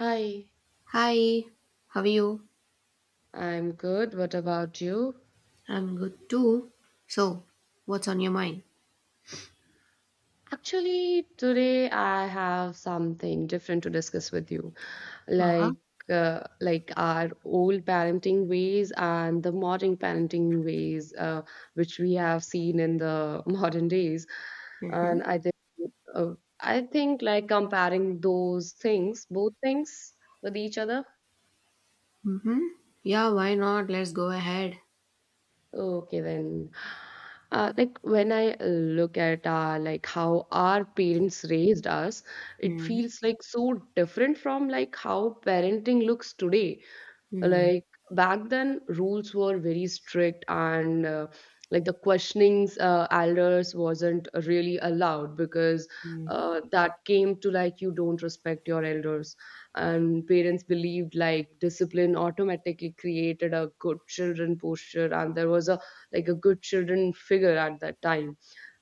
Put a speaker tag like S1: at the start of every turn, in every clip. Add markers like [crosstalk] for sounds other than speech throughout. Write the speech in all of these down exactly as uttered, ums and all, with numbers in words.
S1: Hi,
S2: Hi, how are you?
S1: I'm good. What about you?
S2: I'm good too. So, what's on your mind?
S1: Actually, today I have something different to discuss with you,
S2: Uh huh.
S1: like uh, like our old parenting ways and the modern parenting ways, uh, which we have seen in the [laughs] modern days.
S2: Mm-hmm.
S1: And I think uh, I think like comparing those things, both things with each other.
S2: Mm-hmm. Yeah, why not? Let's go ahead.
S1: Okay then. Uh, like when I uh, look at uh, like how our parents raised us, it
S2: Mm-hmm.
S1: feels like so different from like how parenting looks today.
S2: Mm-hmm.
S1: Like back then rules were very strict and uh, like the questionings uh, elders wasn't really allowed because uh, that came to like you don't respect your elders, and parents believed like discipline automatically created a good children posture, and there was a like a good children figure at that time.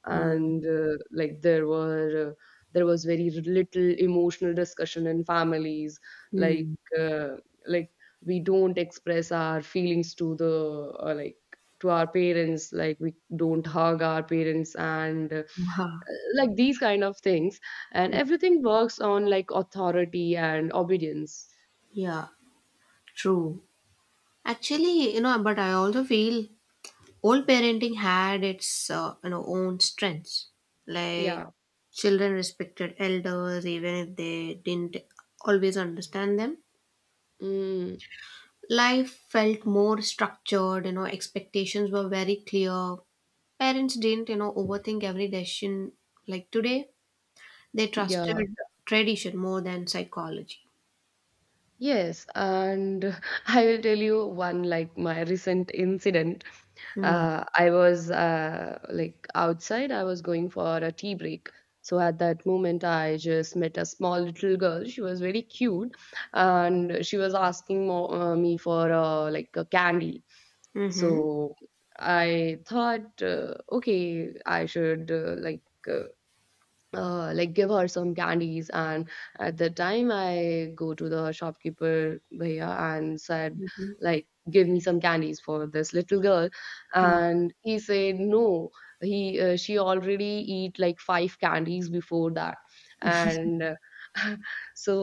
S1: And uh, like there were uh, there was very little emotional discussion in families. like
S2: Mm-hmm.
S1: uh, like we don't express our feelings to the uh, like to our parents, like we don't hug our parents, and uh,
S2: Yeah,
S1: like these kind of things. And everything works on like authority and obedience.
S2: yeah, true. Actually, you know, but I also feel old parenting had its uh, you know own strengths. Like
S1: Yeah.
S2: children respected elders even if they didn't always understand them.
S1: Mm.
S2: Life felt more structured, you know expectations were very clear. Parents didn't you know overthink every decision like today. They trusted
S1: Yeah.
S2: tradition more than psychology.
S1: Yes, and [laughs] I will tell you one like my recent incident.
S2: Mm.
S1: Uh, I was uh, like outside, I was going for a tea break. So at that moment, I just met a small little girl. She was very cute, and she was asking mo uh, me for uh, like a candy.
S2: Mm-hmm.
S1: So I thought, uh, okay, I should uh, like. Uh, uh, like give her some candies. And at the time I go to the shopkeeper bhaiya and said
S2: Mm-hmm.
S1: like give me some candies for this little girl,
S2: Mm.
S1: and he said no. He uh, she already eat like five candies before that, and uh, [laughs] so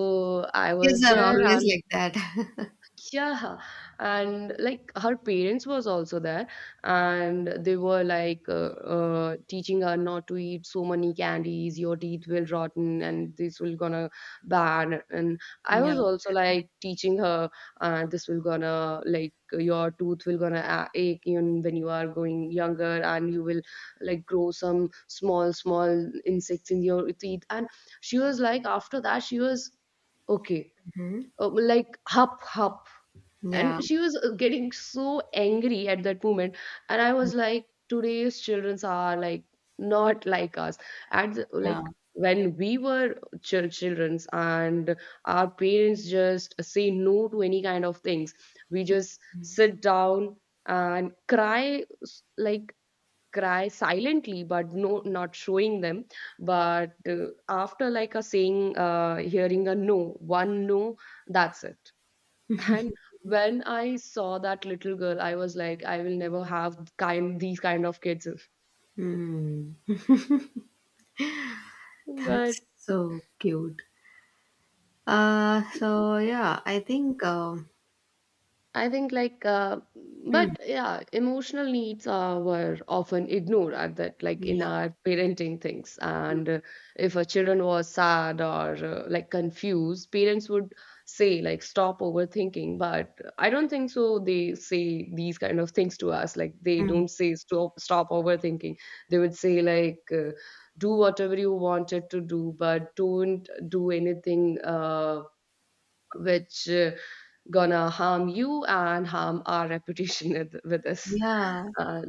S1: I
S2: Kids
S1: was
S2: are
S1: there
S2: always
S1: and
S2: like that.
S1: yeah, and like her parents was also there, and they were like uh, uh, teaching her not to eat so many candies. Your teeth will rotten, and this will gonna bad. And
S2: [laughs]
S1: I
S2: Yeah.
S1: was also like teaching her, uh, this will gonna like your tooth will gonna a- ache even when you are going younger, and you will like grow some small small insects in your teeth. And she was like, after that, she was okay,
S2: Hmm.
S1: uh, like hop hop,
S2: Yeah,
S1: and she was uh, getting so angry at that moment. And I was like today's childrens are like not like us. At the,
S2: yeah.
S1: like when we were chil- childrens and our parents just say no to any kind of things, we just sit down and cry s- like cry silently but no, not showing them. But uh, after like a saying uh, hearing a no, one no, that's it. And when I saw that little girl, I was like, I will never have kind these kind of kids. [laughs]
S2: Mm.
S1: But
S2: That's so cute. Uh so yeah, i think um
S1: I think like uh,
S2: Mm,
S1: but yeah, emotional needs uh, were often ignored at that like in
S2: yeah.
S1: our parenting things. And uh, if a children was sad or uh, like confused, parents would say like stop overthinking. But I don't think so. They say these kind of things to us. Like they
S2: Mm,
S1: don't say stop stop overthinking. They would say like uh, do whatever you wanted to do, but don't do anything. Uh, which uh, gonna harm you and harm our [laughs] reputation with, with this.
S2: yeah.
S1: Uh,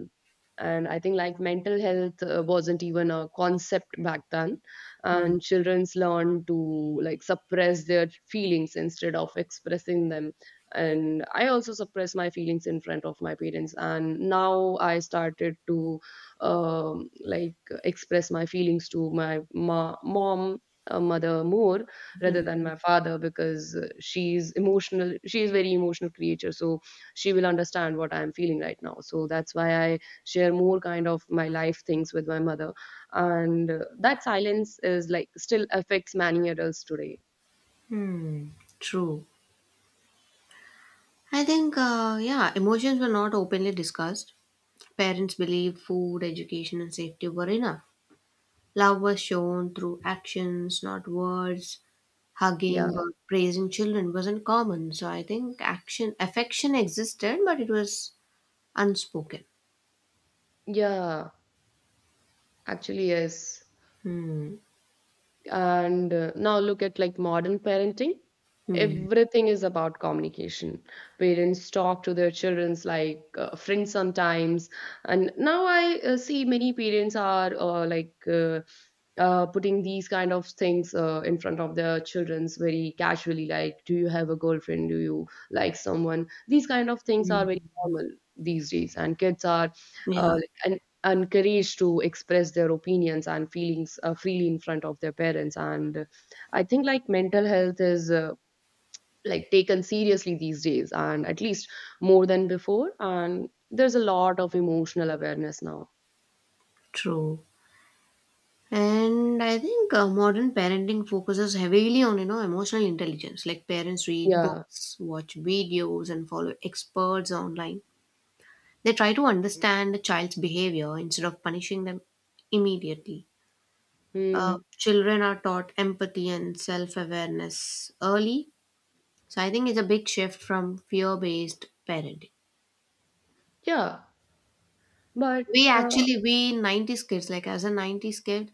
S1: and i think like mental health uh, wasn't even a concept back then,
S2: Mm.
S1: and children's learn to like suppress their feelings instead of expressing them. And I also suppressed my feelings in front of my parents, and now I started to um, like express my feelings to my ma- mom, uh, mother more rather
S2: Mm.
S1: than my father because uh, she's emotional, she is very emotional creature, so she will understand what I'm feeling right now. So that's why I share more kind of my life things with my mother. And uh, that silence is like still affects many adults today.
S2: Hmm, true. I think, uh, yeah, emotions were not openly discussed. Parents believed food, education, and safety were enough. Love was shown through actions, not words. Hugging
S1: Yeah,
S2: or praising children wasn't common, so I think action affection existed, but it was unspoken.
S1: yeah, actually yes.
S2: Hmm.
S1: And uh, now look at like modern parenting,
S2: Hmm.
S1: everything is about communication. Parents talk to their children's like uh, friends sometimes. And now I uh, see many parents are uh, like uh, uh, putting these kind of things uh, in front of their childrens very casually, like do you have a girlfriend, do you like someone, these kind of things are very
S2: Hmm.
S1: normal these days. And kids are uh,
S2: Yeah,
S1: like, en- encouraged to express their opinions and feelings uh, freely in front of their parents. And uh, I think like mental health is uh, like taken seriously these days, and at least more than before, and there's a lot of emotional awareness now.
S2: true. And I think uh, modern parenting focuses heavily on you know emotional intelligence. Like parents read
S1: Yeah.
S2: books, watch videos, and follow experts online. They try to understand the child's behavior instead of punishing them immediately. Uh,
S1: Hmm.
S2: children are taught empathy and self awareness early, so I think it's a big shift from fear based parenting.
S1: Yeah. But
S2: We
S1: uh,
S2: actually we nineties kids, like as a nineties kid,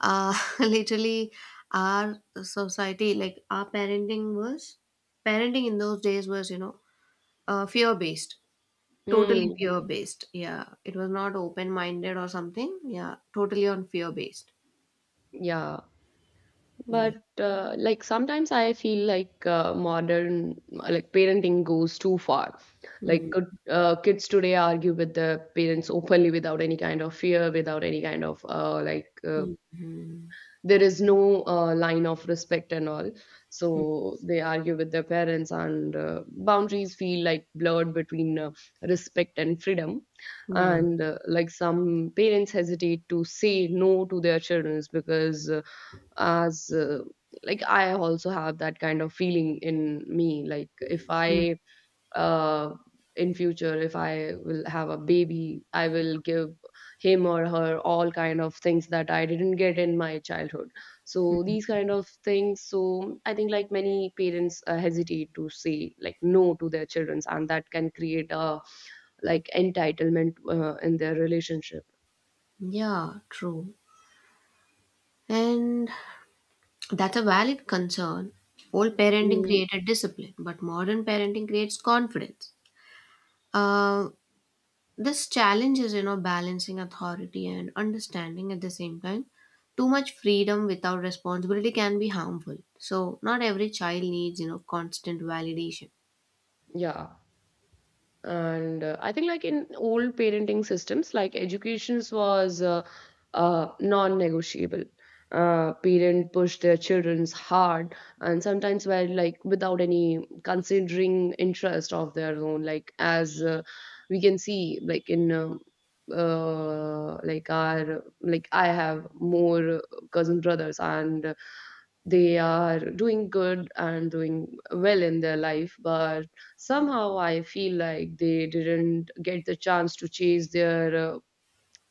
S2: uh, [laughs] literally our society, like our parenting was, parenting in those days was, you know uh, fear based. Totally
S1: mm,
S2: fear based, yeah. It was not open minded or something. Yeah, totally on fear based.
S1: yeah.
S2: Yeah.
S1: But uh, like sometimes I feel like uh, modern like parenting goes too far. Like
S2: Mm.
S1: could, uh, kids today argue with their parents openly without any kind of fear, without any kind of uh, like uh,
S2: Mm-hmm.
S1: there is no uh, line of respect and all. So they argue with their parents, and uh, boundaries feel like blurred between uh, respect and freedom.
S2: Mm-hmm.
S1: And uh, like some parents hesitate to say no to their children because uh, as uh, like I also have that kind of feeling in me. Like if I uh, in future, if I will have a baby, I will give him or her all kind of things that I didn't get in my childhood. So these kind of things. So I think like many parents uh, hesitate to say like no to their children, and that can create a like entitlement uh, in their relationship.
S2: Yeah, true. And that's a valid concern. Old parenting
S1: Mm,
S2: created discipline, but modern parenting creates confidence. uh, this challenge is, you know balancing authority and understanding at the same time. Too much freedom without responsibility can be harmful, so not every child needs you know constant validation.
S1: yeah. And uh, I think like in old parenting systems like educations was uh, uh, non-negotiable. Uh, parent pushed their children's hard and sometimes were like without any considering interest of their own, like as uh, we can see like in um uh, like our like I have more cousin brothers, and they are doing good and doing well in their life, but somehow I feel like they didn't get the chance to chase their uh,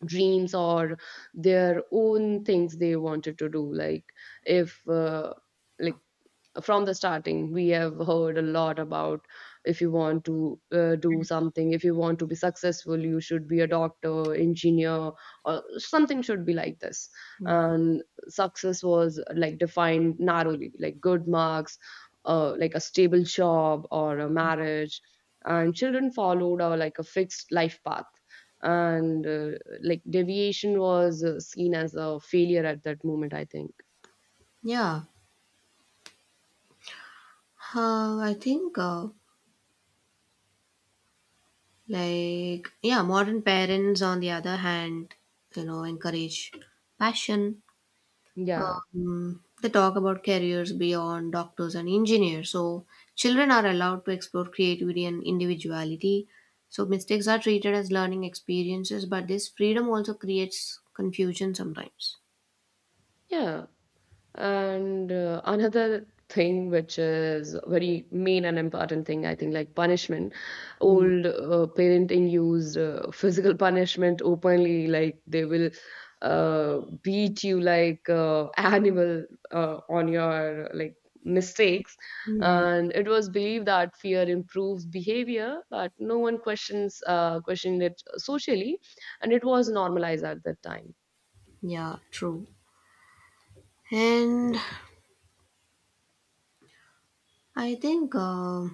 S1: dreams or their own things they wanted to do. Like if uh, like from the starting we have heard a lot about if you want to uh, do something, if you want to be successful, you should be a doctor, engineer, or something should be like this.
S2: Hmm.
S1: And success was like defined narrowly like good marks, uh, like a stable job or a marriage, and children followed a like a fixed life path. And uh, like deviation was uh, seen as a failure at that moment I think.
S2: yeah uh, I think uh, like Yeah, modern parents on the other hand you know encourage passion.
S1: Yeah,
S2: Um, they talk about careers beyond doctors and engineers. So children are allowed to explore creativity and individuality. So mistakes are treated as learning experiences, but this freedom also creates confusion sometimes.
S1: yeah. And uh, another thing which is very main and important thing I think like punishment,
S2: Mm.
S1: old uh, parenting used uh, physical punishment openly, like they will uh, beat you like uh, animal uh, on your like mistakes.
S2: Mm.
S1: And it was believed that fear improves behavior, but no one questions uh, questioned it socially, and it was normalized at that time.
S2: Yeah, true. And I think uh,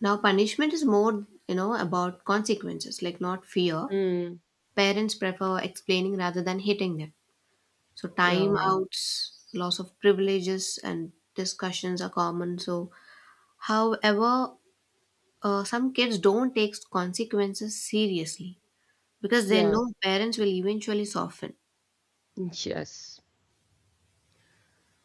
S2: now punishment is more, you know, about consequences, like not fear.
S1: Hmm.
S2: Parents prefer explaining rather than hitting them. So time
S1: Yeah,
S2: outs, loss of privileges, and discussions are common. So, however, uh, some kids don't take consequences seriously because they
S1: yeah,
S2: know parents will eventually soften.
S1: yes.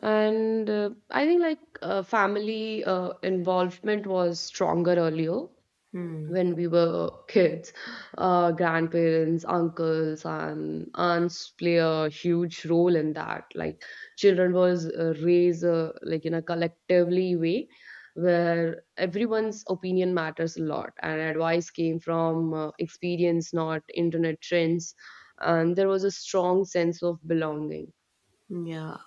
S1: And uh, I think like uh, family uh, involvement was stronger earlier
S2: Hmm.
S1: when we were kids. Uh, grandparents, uncles, and aunts play a huge role in that. Like children was uh, raised uh, like in a collectively way where everyone's opinion matters a lot, and advice came from uh, experience, not internet trends. And there was a strong sense of belonging.
S2: Yeah.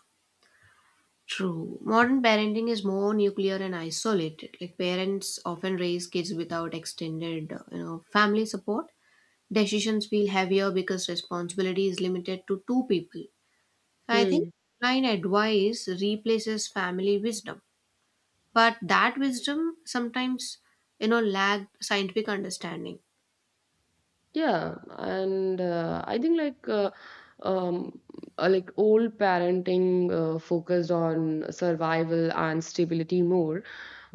S2: True. Modern parenting is more nuclear and isolated. Like parents often raise kids without extended uh, you know, family support. Decisions feel heavier because responsibility is limited to two people. So I think
S1: Hmm.
S2: online advice replaces family wisdom, but that wisdom sometimes you know lacked scientific understanding.
S1: Yeah, and uh, I think like uh, um, uh, like old parenting uh, focused on survival and stability more,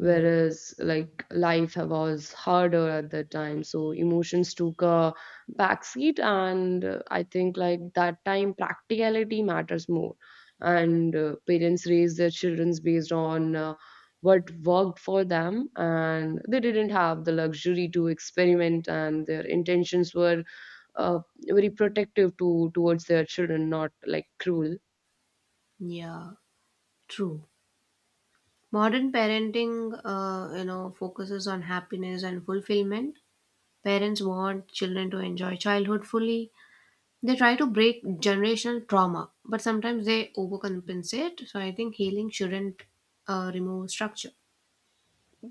S2: Mm.
S1: like life was harder at that time, so emotions took a backseat. And uh, I think like that time practicality matters more, and uh, parents raise their children based on. Uh, what worked for them, and they didn't have the luxury to experiment, and their intentions were uh, very protective to towards their children, not like cruel.
S2: Yeah, true. Modern parenting uh, you know focuses on happiness and fulfillment. Parents want children to enjoy childhood fully. They try to break generational trauma, but sometimes they overcompensate, so I think healing shouldn't uh, remove structure.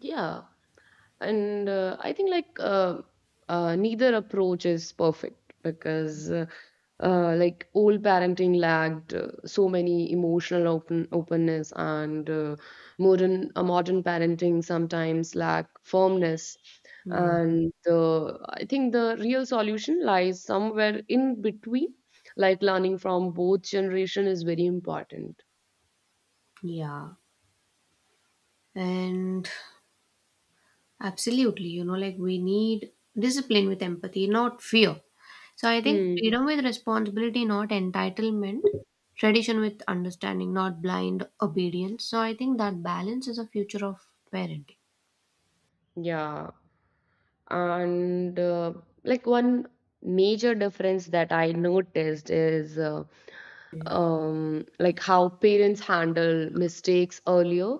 S1: Yeah, and uh, i think like uh, uh, neither approach is perfect because uh, uh, like old parenting lacked uh, so many emotional open openness, and uh, modern uh, modern parenting sometimes lack firmness.
S2: Mm.
S1: And the, I think the real solution lies somewhere in between, like learning from both generation is very important.
S2: Yeah, and absolutely, you know, like we need discipline with empathy, not fear. So I think
S1: Hmm.
S2: freedom with responsibility, not entitlement, tradition with understanding, not blind obedience. So I think that balance is a future of parenting.
S1: Yeah, and uh, like one major difference that I noticed is uh, um, like how parents handle mistakes earlier.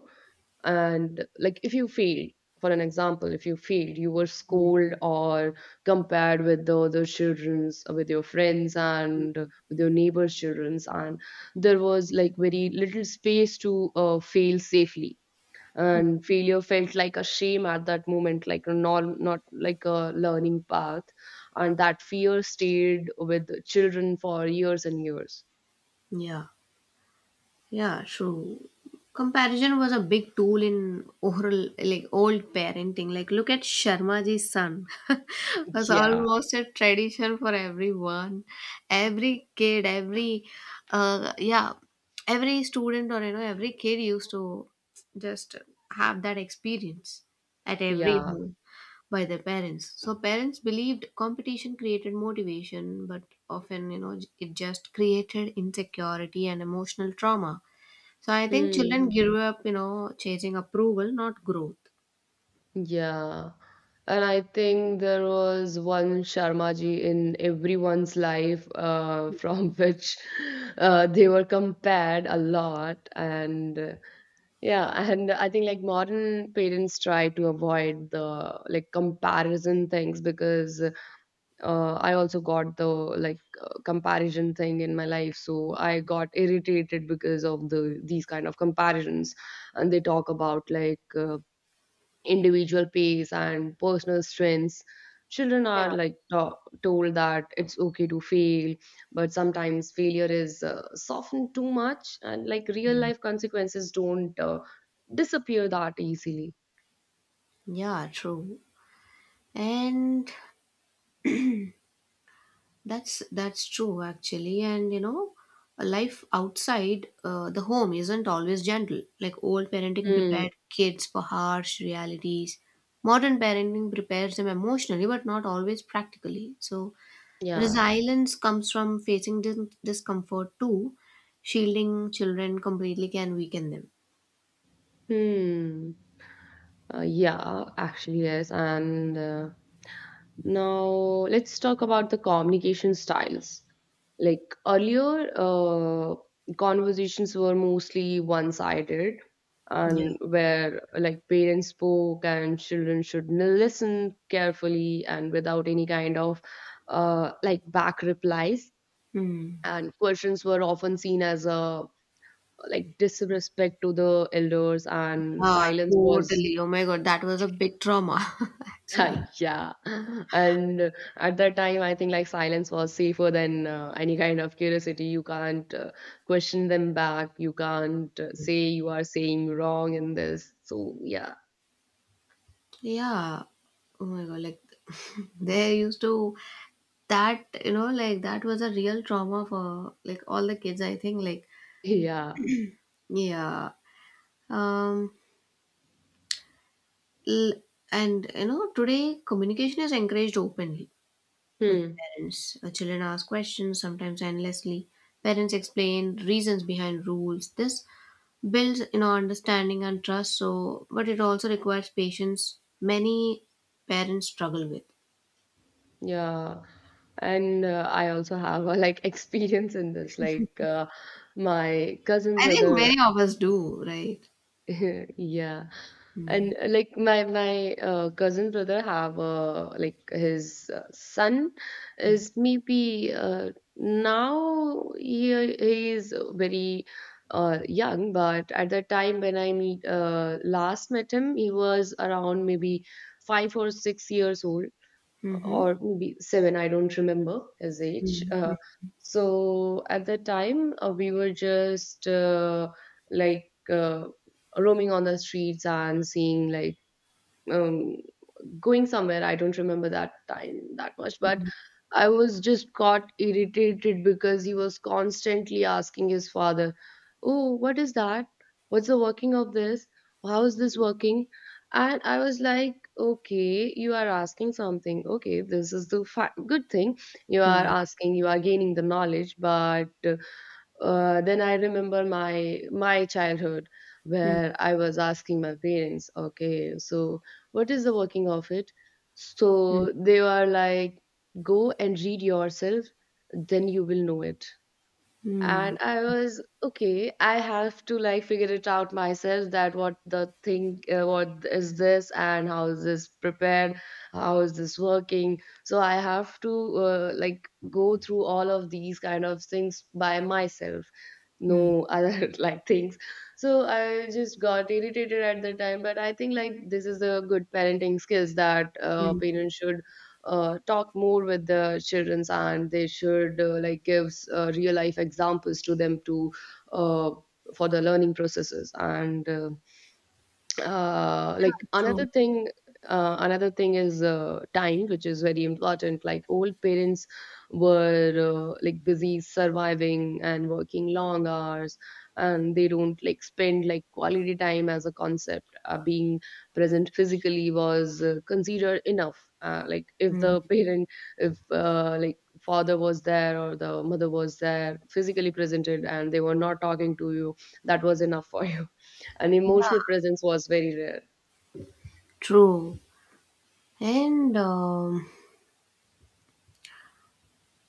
S1: And like if you failed, for an example, if you failed, you were
S2: Mm.
S1: scolded or compared with the other children's uh, with your friends and with your neighbors children's. And there was like very little space to uh, fail safely, and failure felt like a shame at that moment, like a norm, not like a learning path. And that fear stayed with children for years and years.
S2: Yeah. Yeah, true. Comparison was a big tool in oral, like old parenting. Like, look at Sharmaji's son [laughs] was
S1: Yeah,
S2: almost a tradition for everyone, every kid, every, uh, yeah, every student, or you know every kid used to just have that experience at every
S1: yeah.
S2: home by their parents. So parents believed competition created motivation, but often you know it just created insecurity and emotional trauma. So I think
S1: Hmm.
S2: children grew up, you know, chasing approval, not growth.
S1: Yeah, and I think there was one Sharmaji in everyone's life uh, from [laughs] which uh, they were compared a lot and uh, Yeah, and I think like modern parents try to avoid the like comparison things because uh, I also got the like uh, comparison thing in my life, so I got irritated because of the these kind of comparisons, and they talk about like uh, individual pace and personal strengths. Children are
S2: Yeah.
S1: like ta- told that it's okay to fail, but sometimes failure is uh, softened too much, and like real life consequences don't uh, disappear that easily.
S2: Yeah, true. And that's that's true, actually. And you know, a life outside uh, the home isn't always gentle. Like old parenting
S1: Hmm.
S2: prepared kids for harsh realities. Modern parenting prepares them emotionally, but not always practically. So
S1: Yeah.
S2: resilience comes from facing dis- discomfort too. Shielding children completely can weaken them.
S1: Hmm. Uh, yeah, actually, yes. And uh, now let's talk about the communication styles. Like earlier, uh, conversations were mostly one-sided,
S2: Yeah.
S1: and where like parents spoke and children should n- listen carefully and without any kind of uh, like back replies.
S2: Hmm.
S1: And questions were often seen as a like disrespect to the elders, and
S2: Yeah,
S1: silence was
S2: totally. Oh my God, that was a big trauma, [laughs] actually.
S1: [laughs] Yeah. And at that time, I think like silence was safer than uh, any kind of curiosity. You can't uh, question them back. You can't uh, say you are saying wrong in this. So, yeah.
S2: Yeah. Oh my God, like [laughs] they used to that, you know, like that was a real trauma for like all the kids, I think. Like,
S1: Yeah.
S2: yeah. Um, l- and you know, today communication is encouraged openly with
S1: Hmm.
S2: parents. Uh, children ask questions, sometimes endlessly. Parents explain reasons behind rules. This builds you know understanding and trust, so but it also requires patience many parents struggle with.
S1: Yeah. And uh, I also have a like [laughs] experience in this. Like uh, my cousin
S2: I think
S1: brother.
S2: many of us do, right?
S1: [laughs] Yeah.
S2: Mm.
S1: and uh, like my my uh, cousin brother have uh, like his uh, son
S2: Mm.
S1: is maybe uh, now he he is very uh, young, but at the time when I meet uh, last met him, he was around maybe five or six years old,
S2: Mhm.
S1: or maybe seven. I don't remember his age.
S2: Mm.
S1: Uh, so at the time, uh, we were just uh, like uh, roaming on the streets and seeing like um, going somewhere. I don't remember that time that much, but
S2: Mm.
S1: I was just got irritated because he was constantly asking his father, oh, what is that? What's the working of this? How is this working? And I was like, okay, you are asking something. Okay, this is the fa- good thing. You are
S2: Mm.
S1: asking, you are gaining the knowledge, but uh, uh, then I remember my my childhood
S2: Mm. Mm.
S1: where I was asking my parents, okay, so what is the working of it?
S2: Mm.
S1: So they were like, go and read yourself, then you will know it. And
S2: Mm.
S1: I was okay, I have to like figure it out myself that what the thing uh, what is this and how is this prepared, how is this working. So I have to uh, like go through all of these kind of things by myself,
S2: Mm.
S1: no other [laughs] like things. So I just got irritated at the time, but I think like this is the good parenting skills that uh,
S2: Mm.
S1: parents should uh, talk more with the children, and they should uh, like give uh, real life examples to them to uh, for the learning processes and uh, uh like
S2: True.
S1: another thing, uh, another thing is uh, time, which is very important. Like old parents were uh, like busy surviving and working long hours, and they don't like spend like quality time as a concept. Uh, being present physically was uh, considered enough. Uh, like if the
S2: Mm.
S1: parent, if uh, like father was there or the mother was there physically presented and they were not talking to you, that was enough for you, and emotional presence was very rare.
S2: True. And um,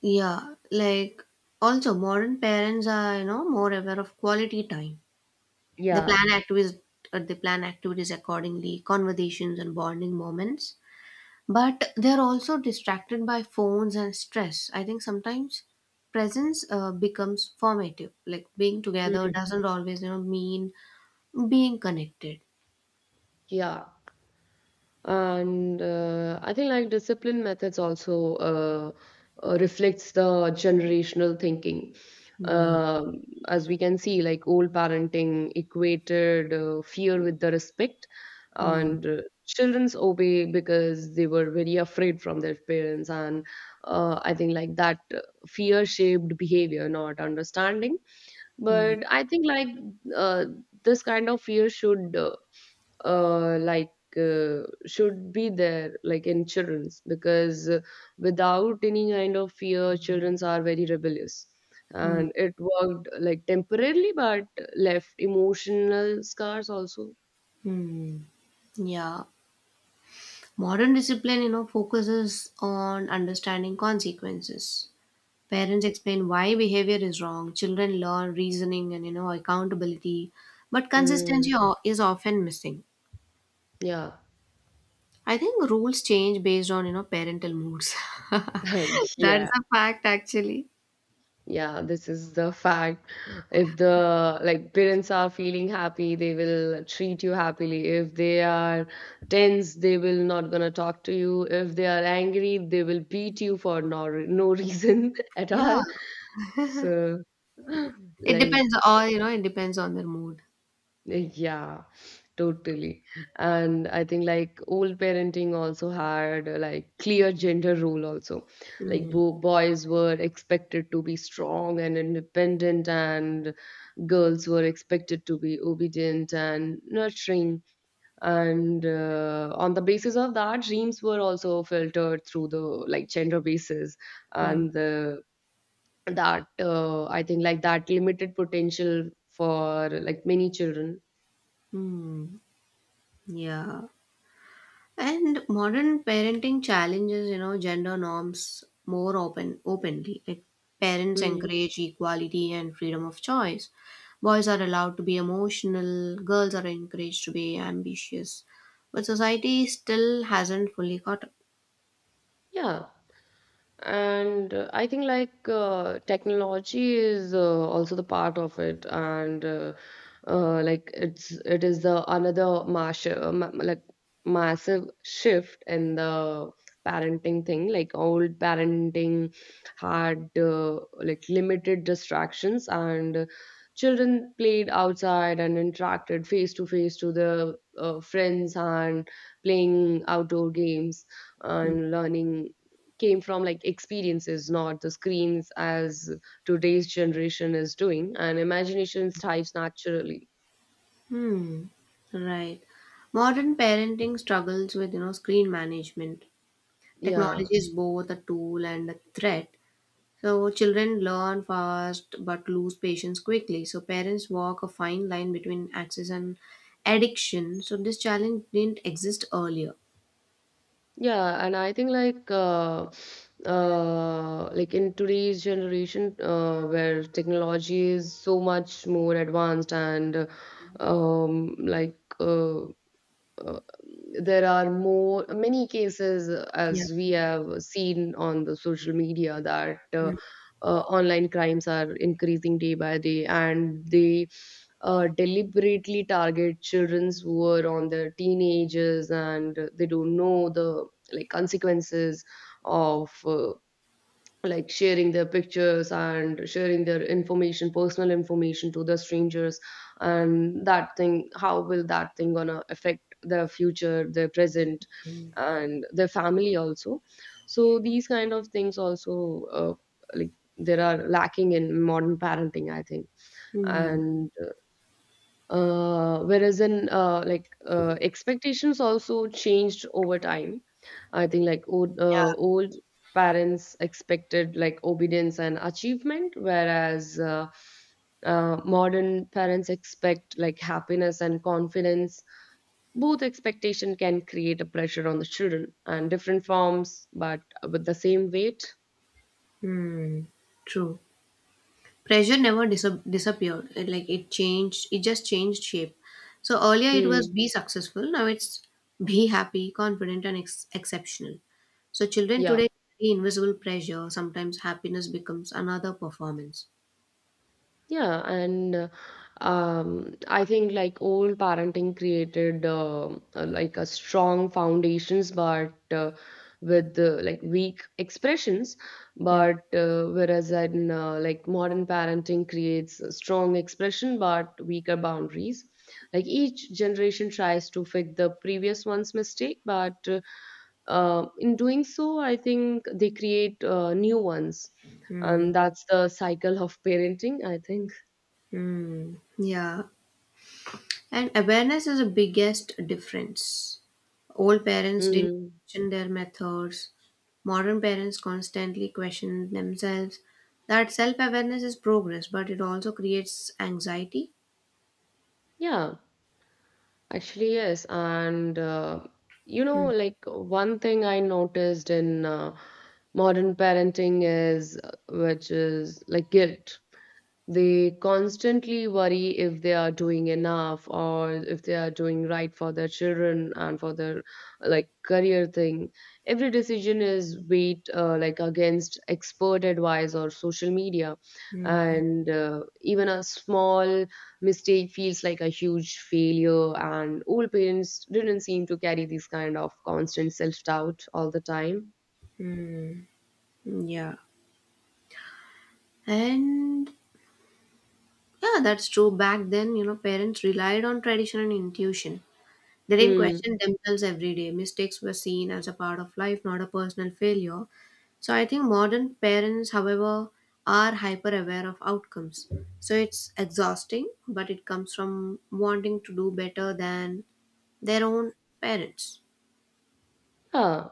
S2: yeah, like also modern parents are you know more aware of quality time. they
S1: Yeah.
S2: plan activities uh, they plan activities accordingly, conversations and bonding moments, but they're also distracted by phones and stress. I think sometimes presence uh, becomes formative, like being together
S1: Mm,
S2: doesn't always you know mean being connected.
S1: yeah. And uh, I think like discipline methods also uh, uh, reflects the generational thinking.
S2: Hmm.
S1: Um, as we can see, like old parenting equated uh, fear with the respect,
S2: Hmm.
S1: and uh, children's obey because they were very afraid from their parents. And uh, I think like that uh, fear shaped behavior, not understanding.
S2: Hmm.
S1: But I think like uh, this kind of fear should uh, uh, like uh, should be there like in childrens because uh, without any kind of fear, childrens are very rebellious.
S2: Hmm.
S1: And it worked like temporarily, but left emotional scars also.
S2: Hmm. Yeah. Modern discipline, you know, focuses on understanding consequences. Parents explain why behavior is wrong, children learn reasoning and, you know, accountability, but consistency
S1: Mm,
S2: o- is often missing.
S1: yeah.
S2: I think rules change based on, you know, parental moods.
S1: [laughs]
S2: [laughs] That's
S1: Yeah.
S2: a fact, actually.
S1: Yeah, this is the fact. If the like parents are feeling happy, they will treat you happily. If they are tense, they will not gonna talk to you. If they are angry, they will beat you for no, no reason [laughs] at
S2: Yeah.
S1: all. So
S2: It
S1: like
S2: depends, or you know, it depends on their mood.
S1: yeah, totally. And I think like old parenting also had uh, like clear gender role also. Like
S2: Mm.
S1: bo boys were expected to be strong and independent, and girls were expected to be obedient and nurturing. And uh, on the basis of that, dreams were also filtered through the like gender basis
S2: Mm.
S1: and the that uh, I think like that limited potential for like many children.
S2: Mm. Yeah. And modern parenting challenges, you know, gender norms more open openly. Like parents
S1: Hmm.
S2: encourage equality and freedom of choice. Boys are allowed to be emotional, girls are encouraged to be ambitious. But society still hasn't fully caught up.
S1: Yeah, and uh, I think like uh, technology is uh, also the part of it, and uh, uh, like it's it is the another mass uh, ma- like massive shift in the parenting thing. Like old parenting had uh, like limited distractions, and children played outside and interacted face to face to their uh, friends and playing outdoor games and learning came from like experiences, not the screens as today's generation is doing, and imagination thrives naturally.
S2: Hmm, right. Modern parenting struggles with, you know, screen management. Technology
S1: Yeah.
S2: is both a tool and a threat. So children learn fast but lose patience quickly. So parents walk a fine line between access and addiction. So this challenge didn't exist earlier.
S1: Yeah, and I think like uh, uh, like in today's generation, uh, where technology is so much more advanced and um, like uh, uh, there are more many cases uh,
S2: Yeah.
S1: as we have seen on the social media that uh,
S2: Hmm.
S1: uh, online crimes are increasing day by day, and they uh, deliberately target childrens who are on their teenagers, and they don't know the like consequences of uh, like sharing their pictures and sharing their information, personal information to the strangers, and that thing, how will that thing gonna affect their future, their present, and their family also. So these kind of things also uh, like there are lacking in modern parenting, I think.
S2: Hmm.
S1: And uh, whereas in uh, like uh, expectations also changed over time. I think like old,
S2: Yeah.
S1: uh, old parents expected like obedience and achievement, whereas uh, uh, modern parents expect like happiness and confidence. Both expectation can create a pressure on the children and different forms, but with the same weight.
S2: Hmm. True. Pressure never dis- disappeared, it, like it changed, it just changed shape. So earlier it was
S1: Hmm.
S2: be successful, now it's be happy, confident, and ex- exceptional. So children
S1: Yeah.
S2: today carry invisible pressure, sometimes happiness becomes another performance.
S1: Yeah, and uh, um, I think like old parenting created um, uh, like a strong foundations, but uh, with uh, like weak expressions.
S2: Mm.
S1: But uh, whereas in uh, like modern parenting creates a strong expression but weaker boundaries. Like each generation tries to fix the previous one's mistake, but uh, uh, in doing so, I think they create uh, new ones,
S2: Mm.
S1: and that's the cycle of parenting, I think.
S2: Mm. Yeah. And awareness is the biggest difference. Old parents didn't
S1: Mm,
S2: question their methods. Modern parents constantly question themselves. That self awareness is progress, but it also creates anxiety.
S1: yeah, actually, yes. And uh, you know, like one thing I noticed in uh, modern parenting is, uh, which is like guilt. They constantly worry if they are doing enough or if they are doing right for their children and for their like career thing. Every decision is weighed uh, like against expert advice or social media,
S2: Mhm.
S1: and uh, even a small mistake feels like a huge failure. And old parents didn't seem to carry this kind of constant self doubt all the time.
S2: Yeah. And yeah, that's true. Back then, you know, parents relied on tradition and intuition. They didn't
S1: Hmm.
S2: question themselves every day. Mistakes were seen as a part of life, not a personal failure. So I think modern parents, however, are hyper aware of outcomes. So it's exhausting, but it comes from wanting to do better than their own parents.
S1: Yeah,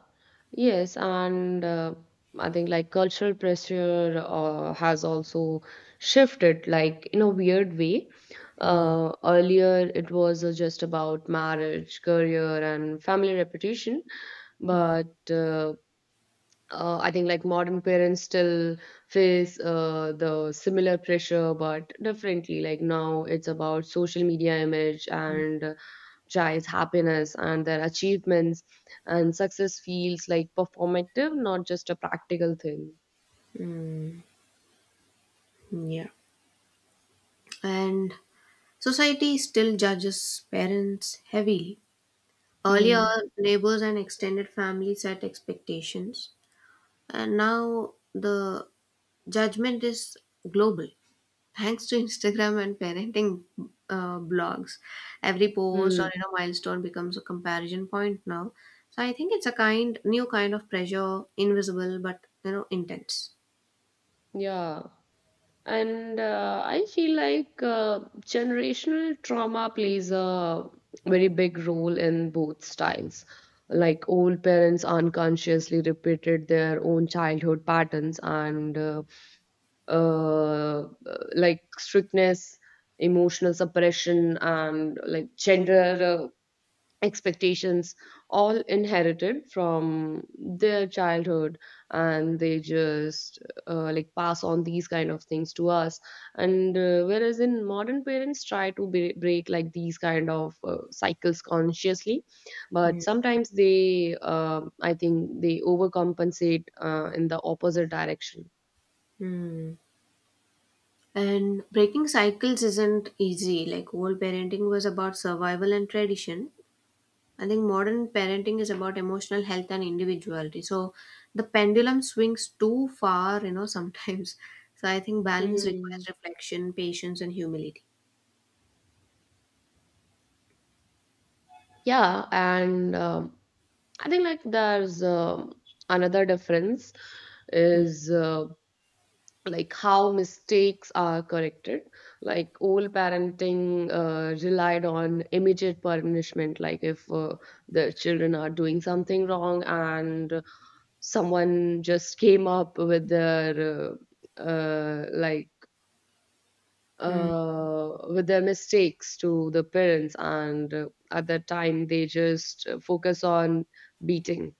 S1: yes, and uh, I think like cultural pressure uh, has also shifted, like in a weird way.
S2: Mm.
S1: Uh, earlier, it was uh, just about marriage, career, and family reputation,
S2: Mm.
S1: but uh, uh, I think like modern parents still face uh, the similar pressure, but differently. Like now, it's about social media image and uh, child's happiness and their achievements, and success feels like performative, not just a practical thing.
S2: Mm, yeah. And society still judges parents heavily. Earlier,
S1: Hmm.
S2: neighbors and extended family set expectations, and now the judgment is global, thanks to Instagram and parenting uh, blogs. Every post, or
S1: Mm,
S2: you know milestone, becomes a comparison point now. So I think it's a kind, new kind of pressure, invisible but you know intense.
S1: yeah. And uh, I feel like uh, generational trauma plays a very big role in both styles. Like old parents unconsciously repeated their own childhood patterns, and uh, uh, like strictness, emotional suppression, and like gender uh, expectations all inherited from their childhood, and they just uh, like pass on these kind of things to us. And uh, whereas in modern parents try to bre- break like these kind of uh, cycles consciously, but
S2: Yeah.
S1: sometimes they uh, I think they overcompensate uh, in the opposite direction.
S2: Hmm. And breaking cycles isn't easy. Like old parenting was about survival and tradition. I think modern parenting is about emotional health and individuality. So the pendulum swings too far, you know, sometimes. [laughs] So I think balance
S1: Hmm.
S2: requires reflection, patience, and humility.
S1: Yeah, and um, I think like there's um another difference
S2: Mm.
S1: is uh, like how mistakes are corrected. Like old parenting uh, relied on immediate punishment. Like if uh, the children are doing something wrong and someone just came up with their uh, uh, like
S2: Mm.
S1: uh, with their mistakes to the parents, and uh, at that time they just uh, focus on beating.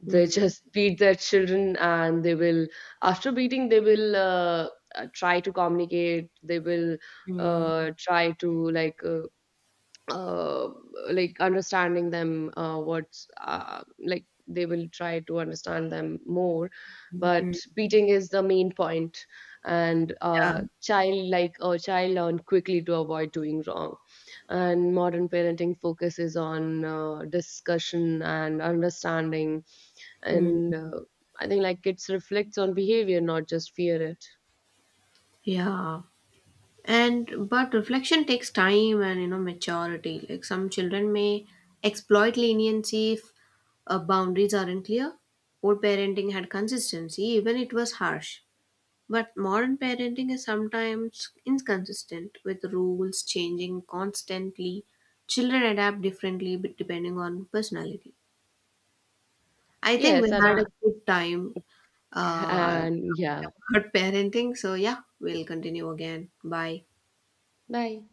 S1: They
S2: Mm.
S1: just [laughs] beat their children, and they will after beating they will uh, uh, try to communicate. They will
S2: Mm.
S1: uh, try to like uh, uh, like understanding them uh, what's uh, like they will try to understand them more.
S2: Mm.
S1: But
S2: Mm.
S1: beating is the main point. and
S2: Yeah.
S1: uh, child, like a child, learn quickly to avoid doing wrong. And modern parenting focuses on uh, discussion and understanding,
S2: Mm.
S1: and uh, I think like it reflects on behavior, not just fear it.
S2: Yeah. And but reflection takes time and you know maturity. Like some children may exploit leniency if uh, boundaries aren't clear. Old parenting had consistency, even it was harsh. But modern parenting is sometimes inconsistent with rules changing constantly. Children adapt differently b- depending on personality. I think
S1: Yes
S2: we
S1: and
S2: had
S1: I,
S2: a good time uh,
S1: and
S2: talking
S1: yeah.
S2: about [laughs] parenting. So, yeah, we'll continue again. Bye.
S1: Bye.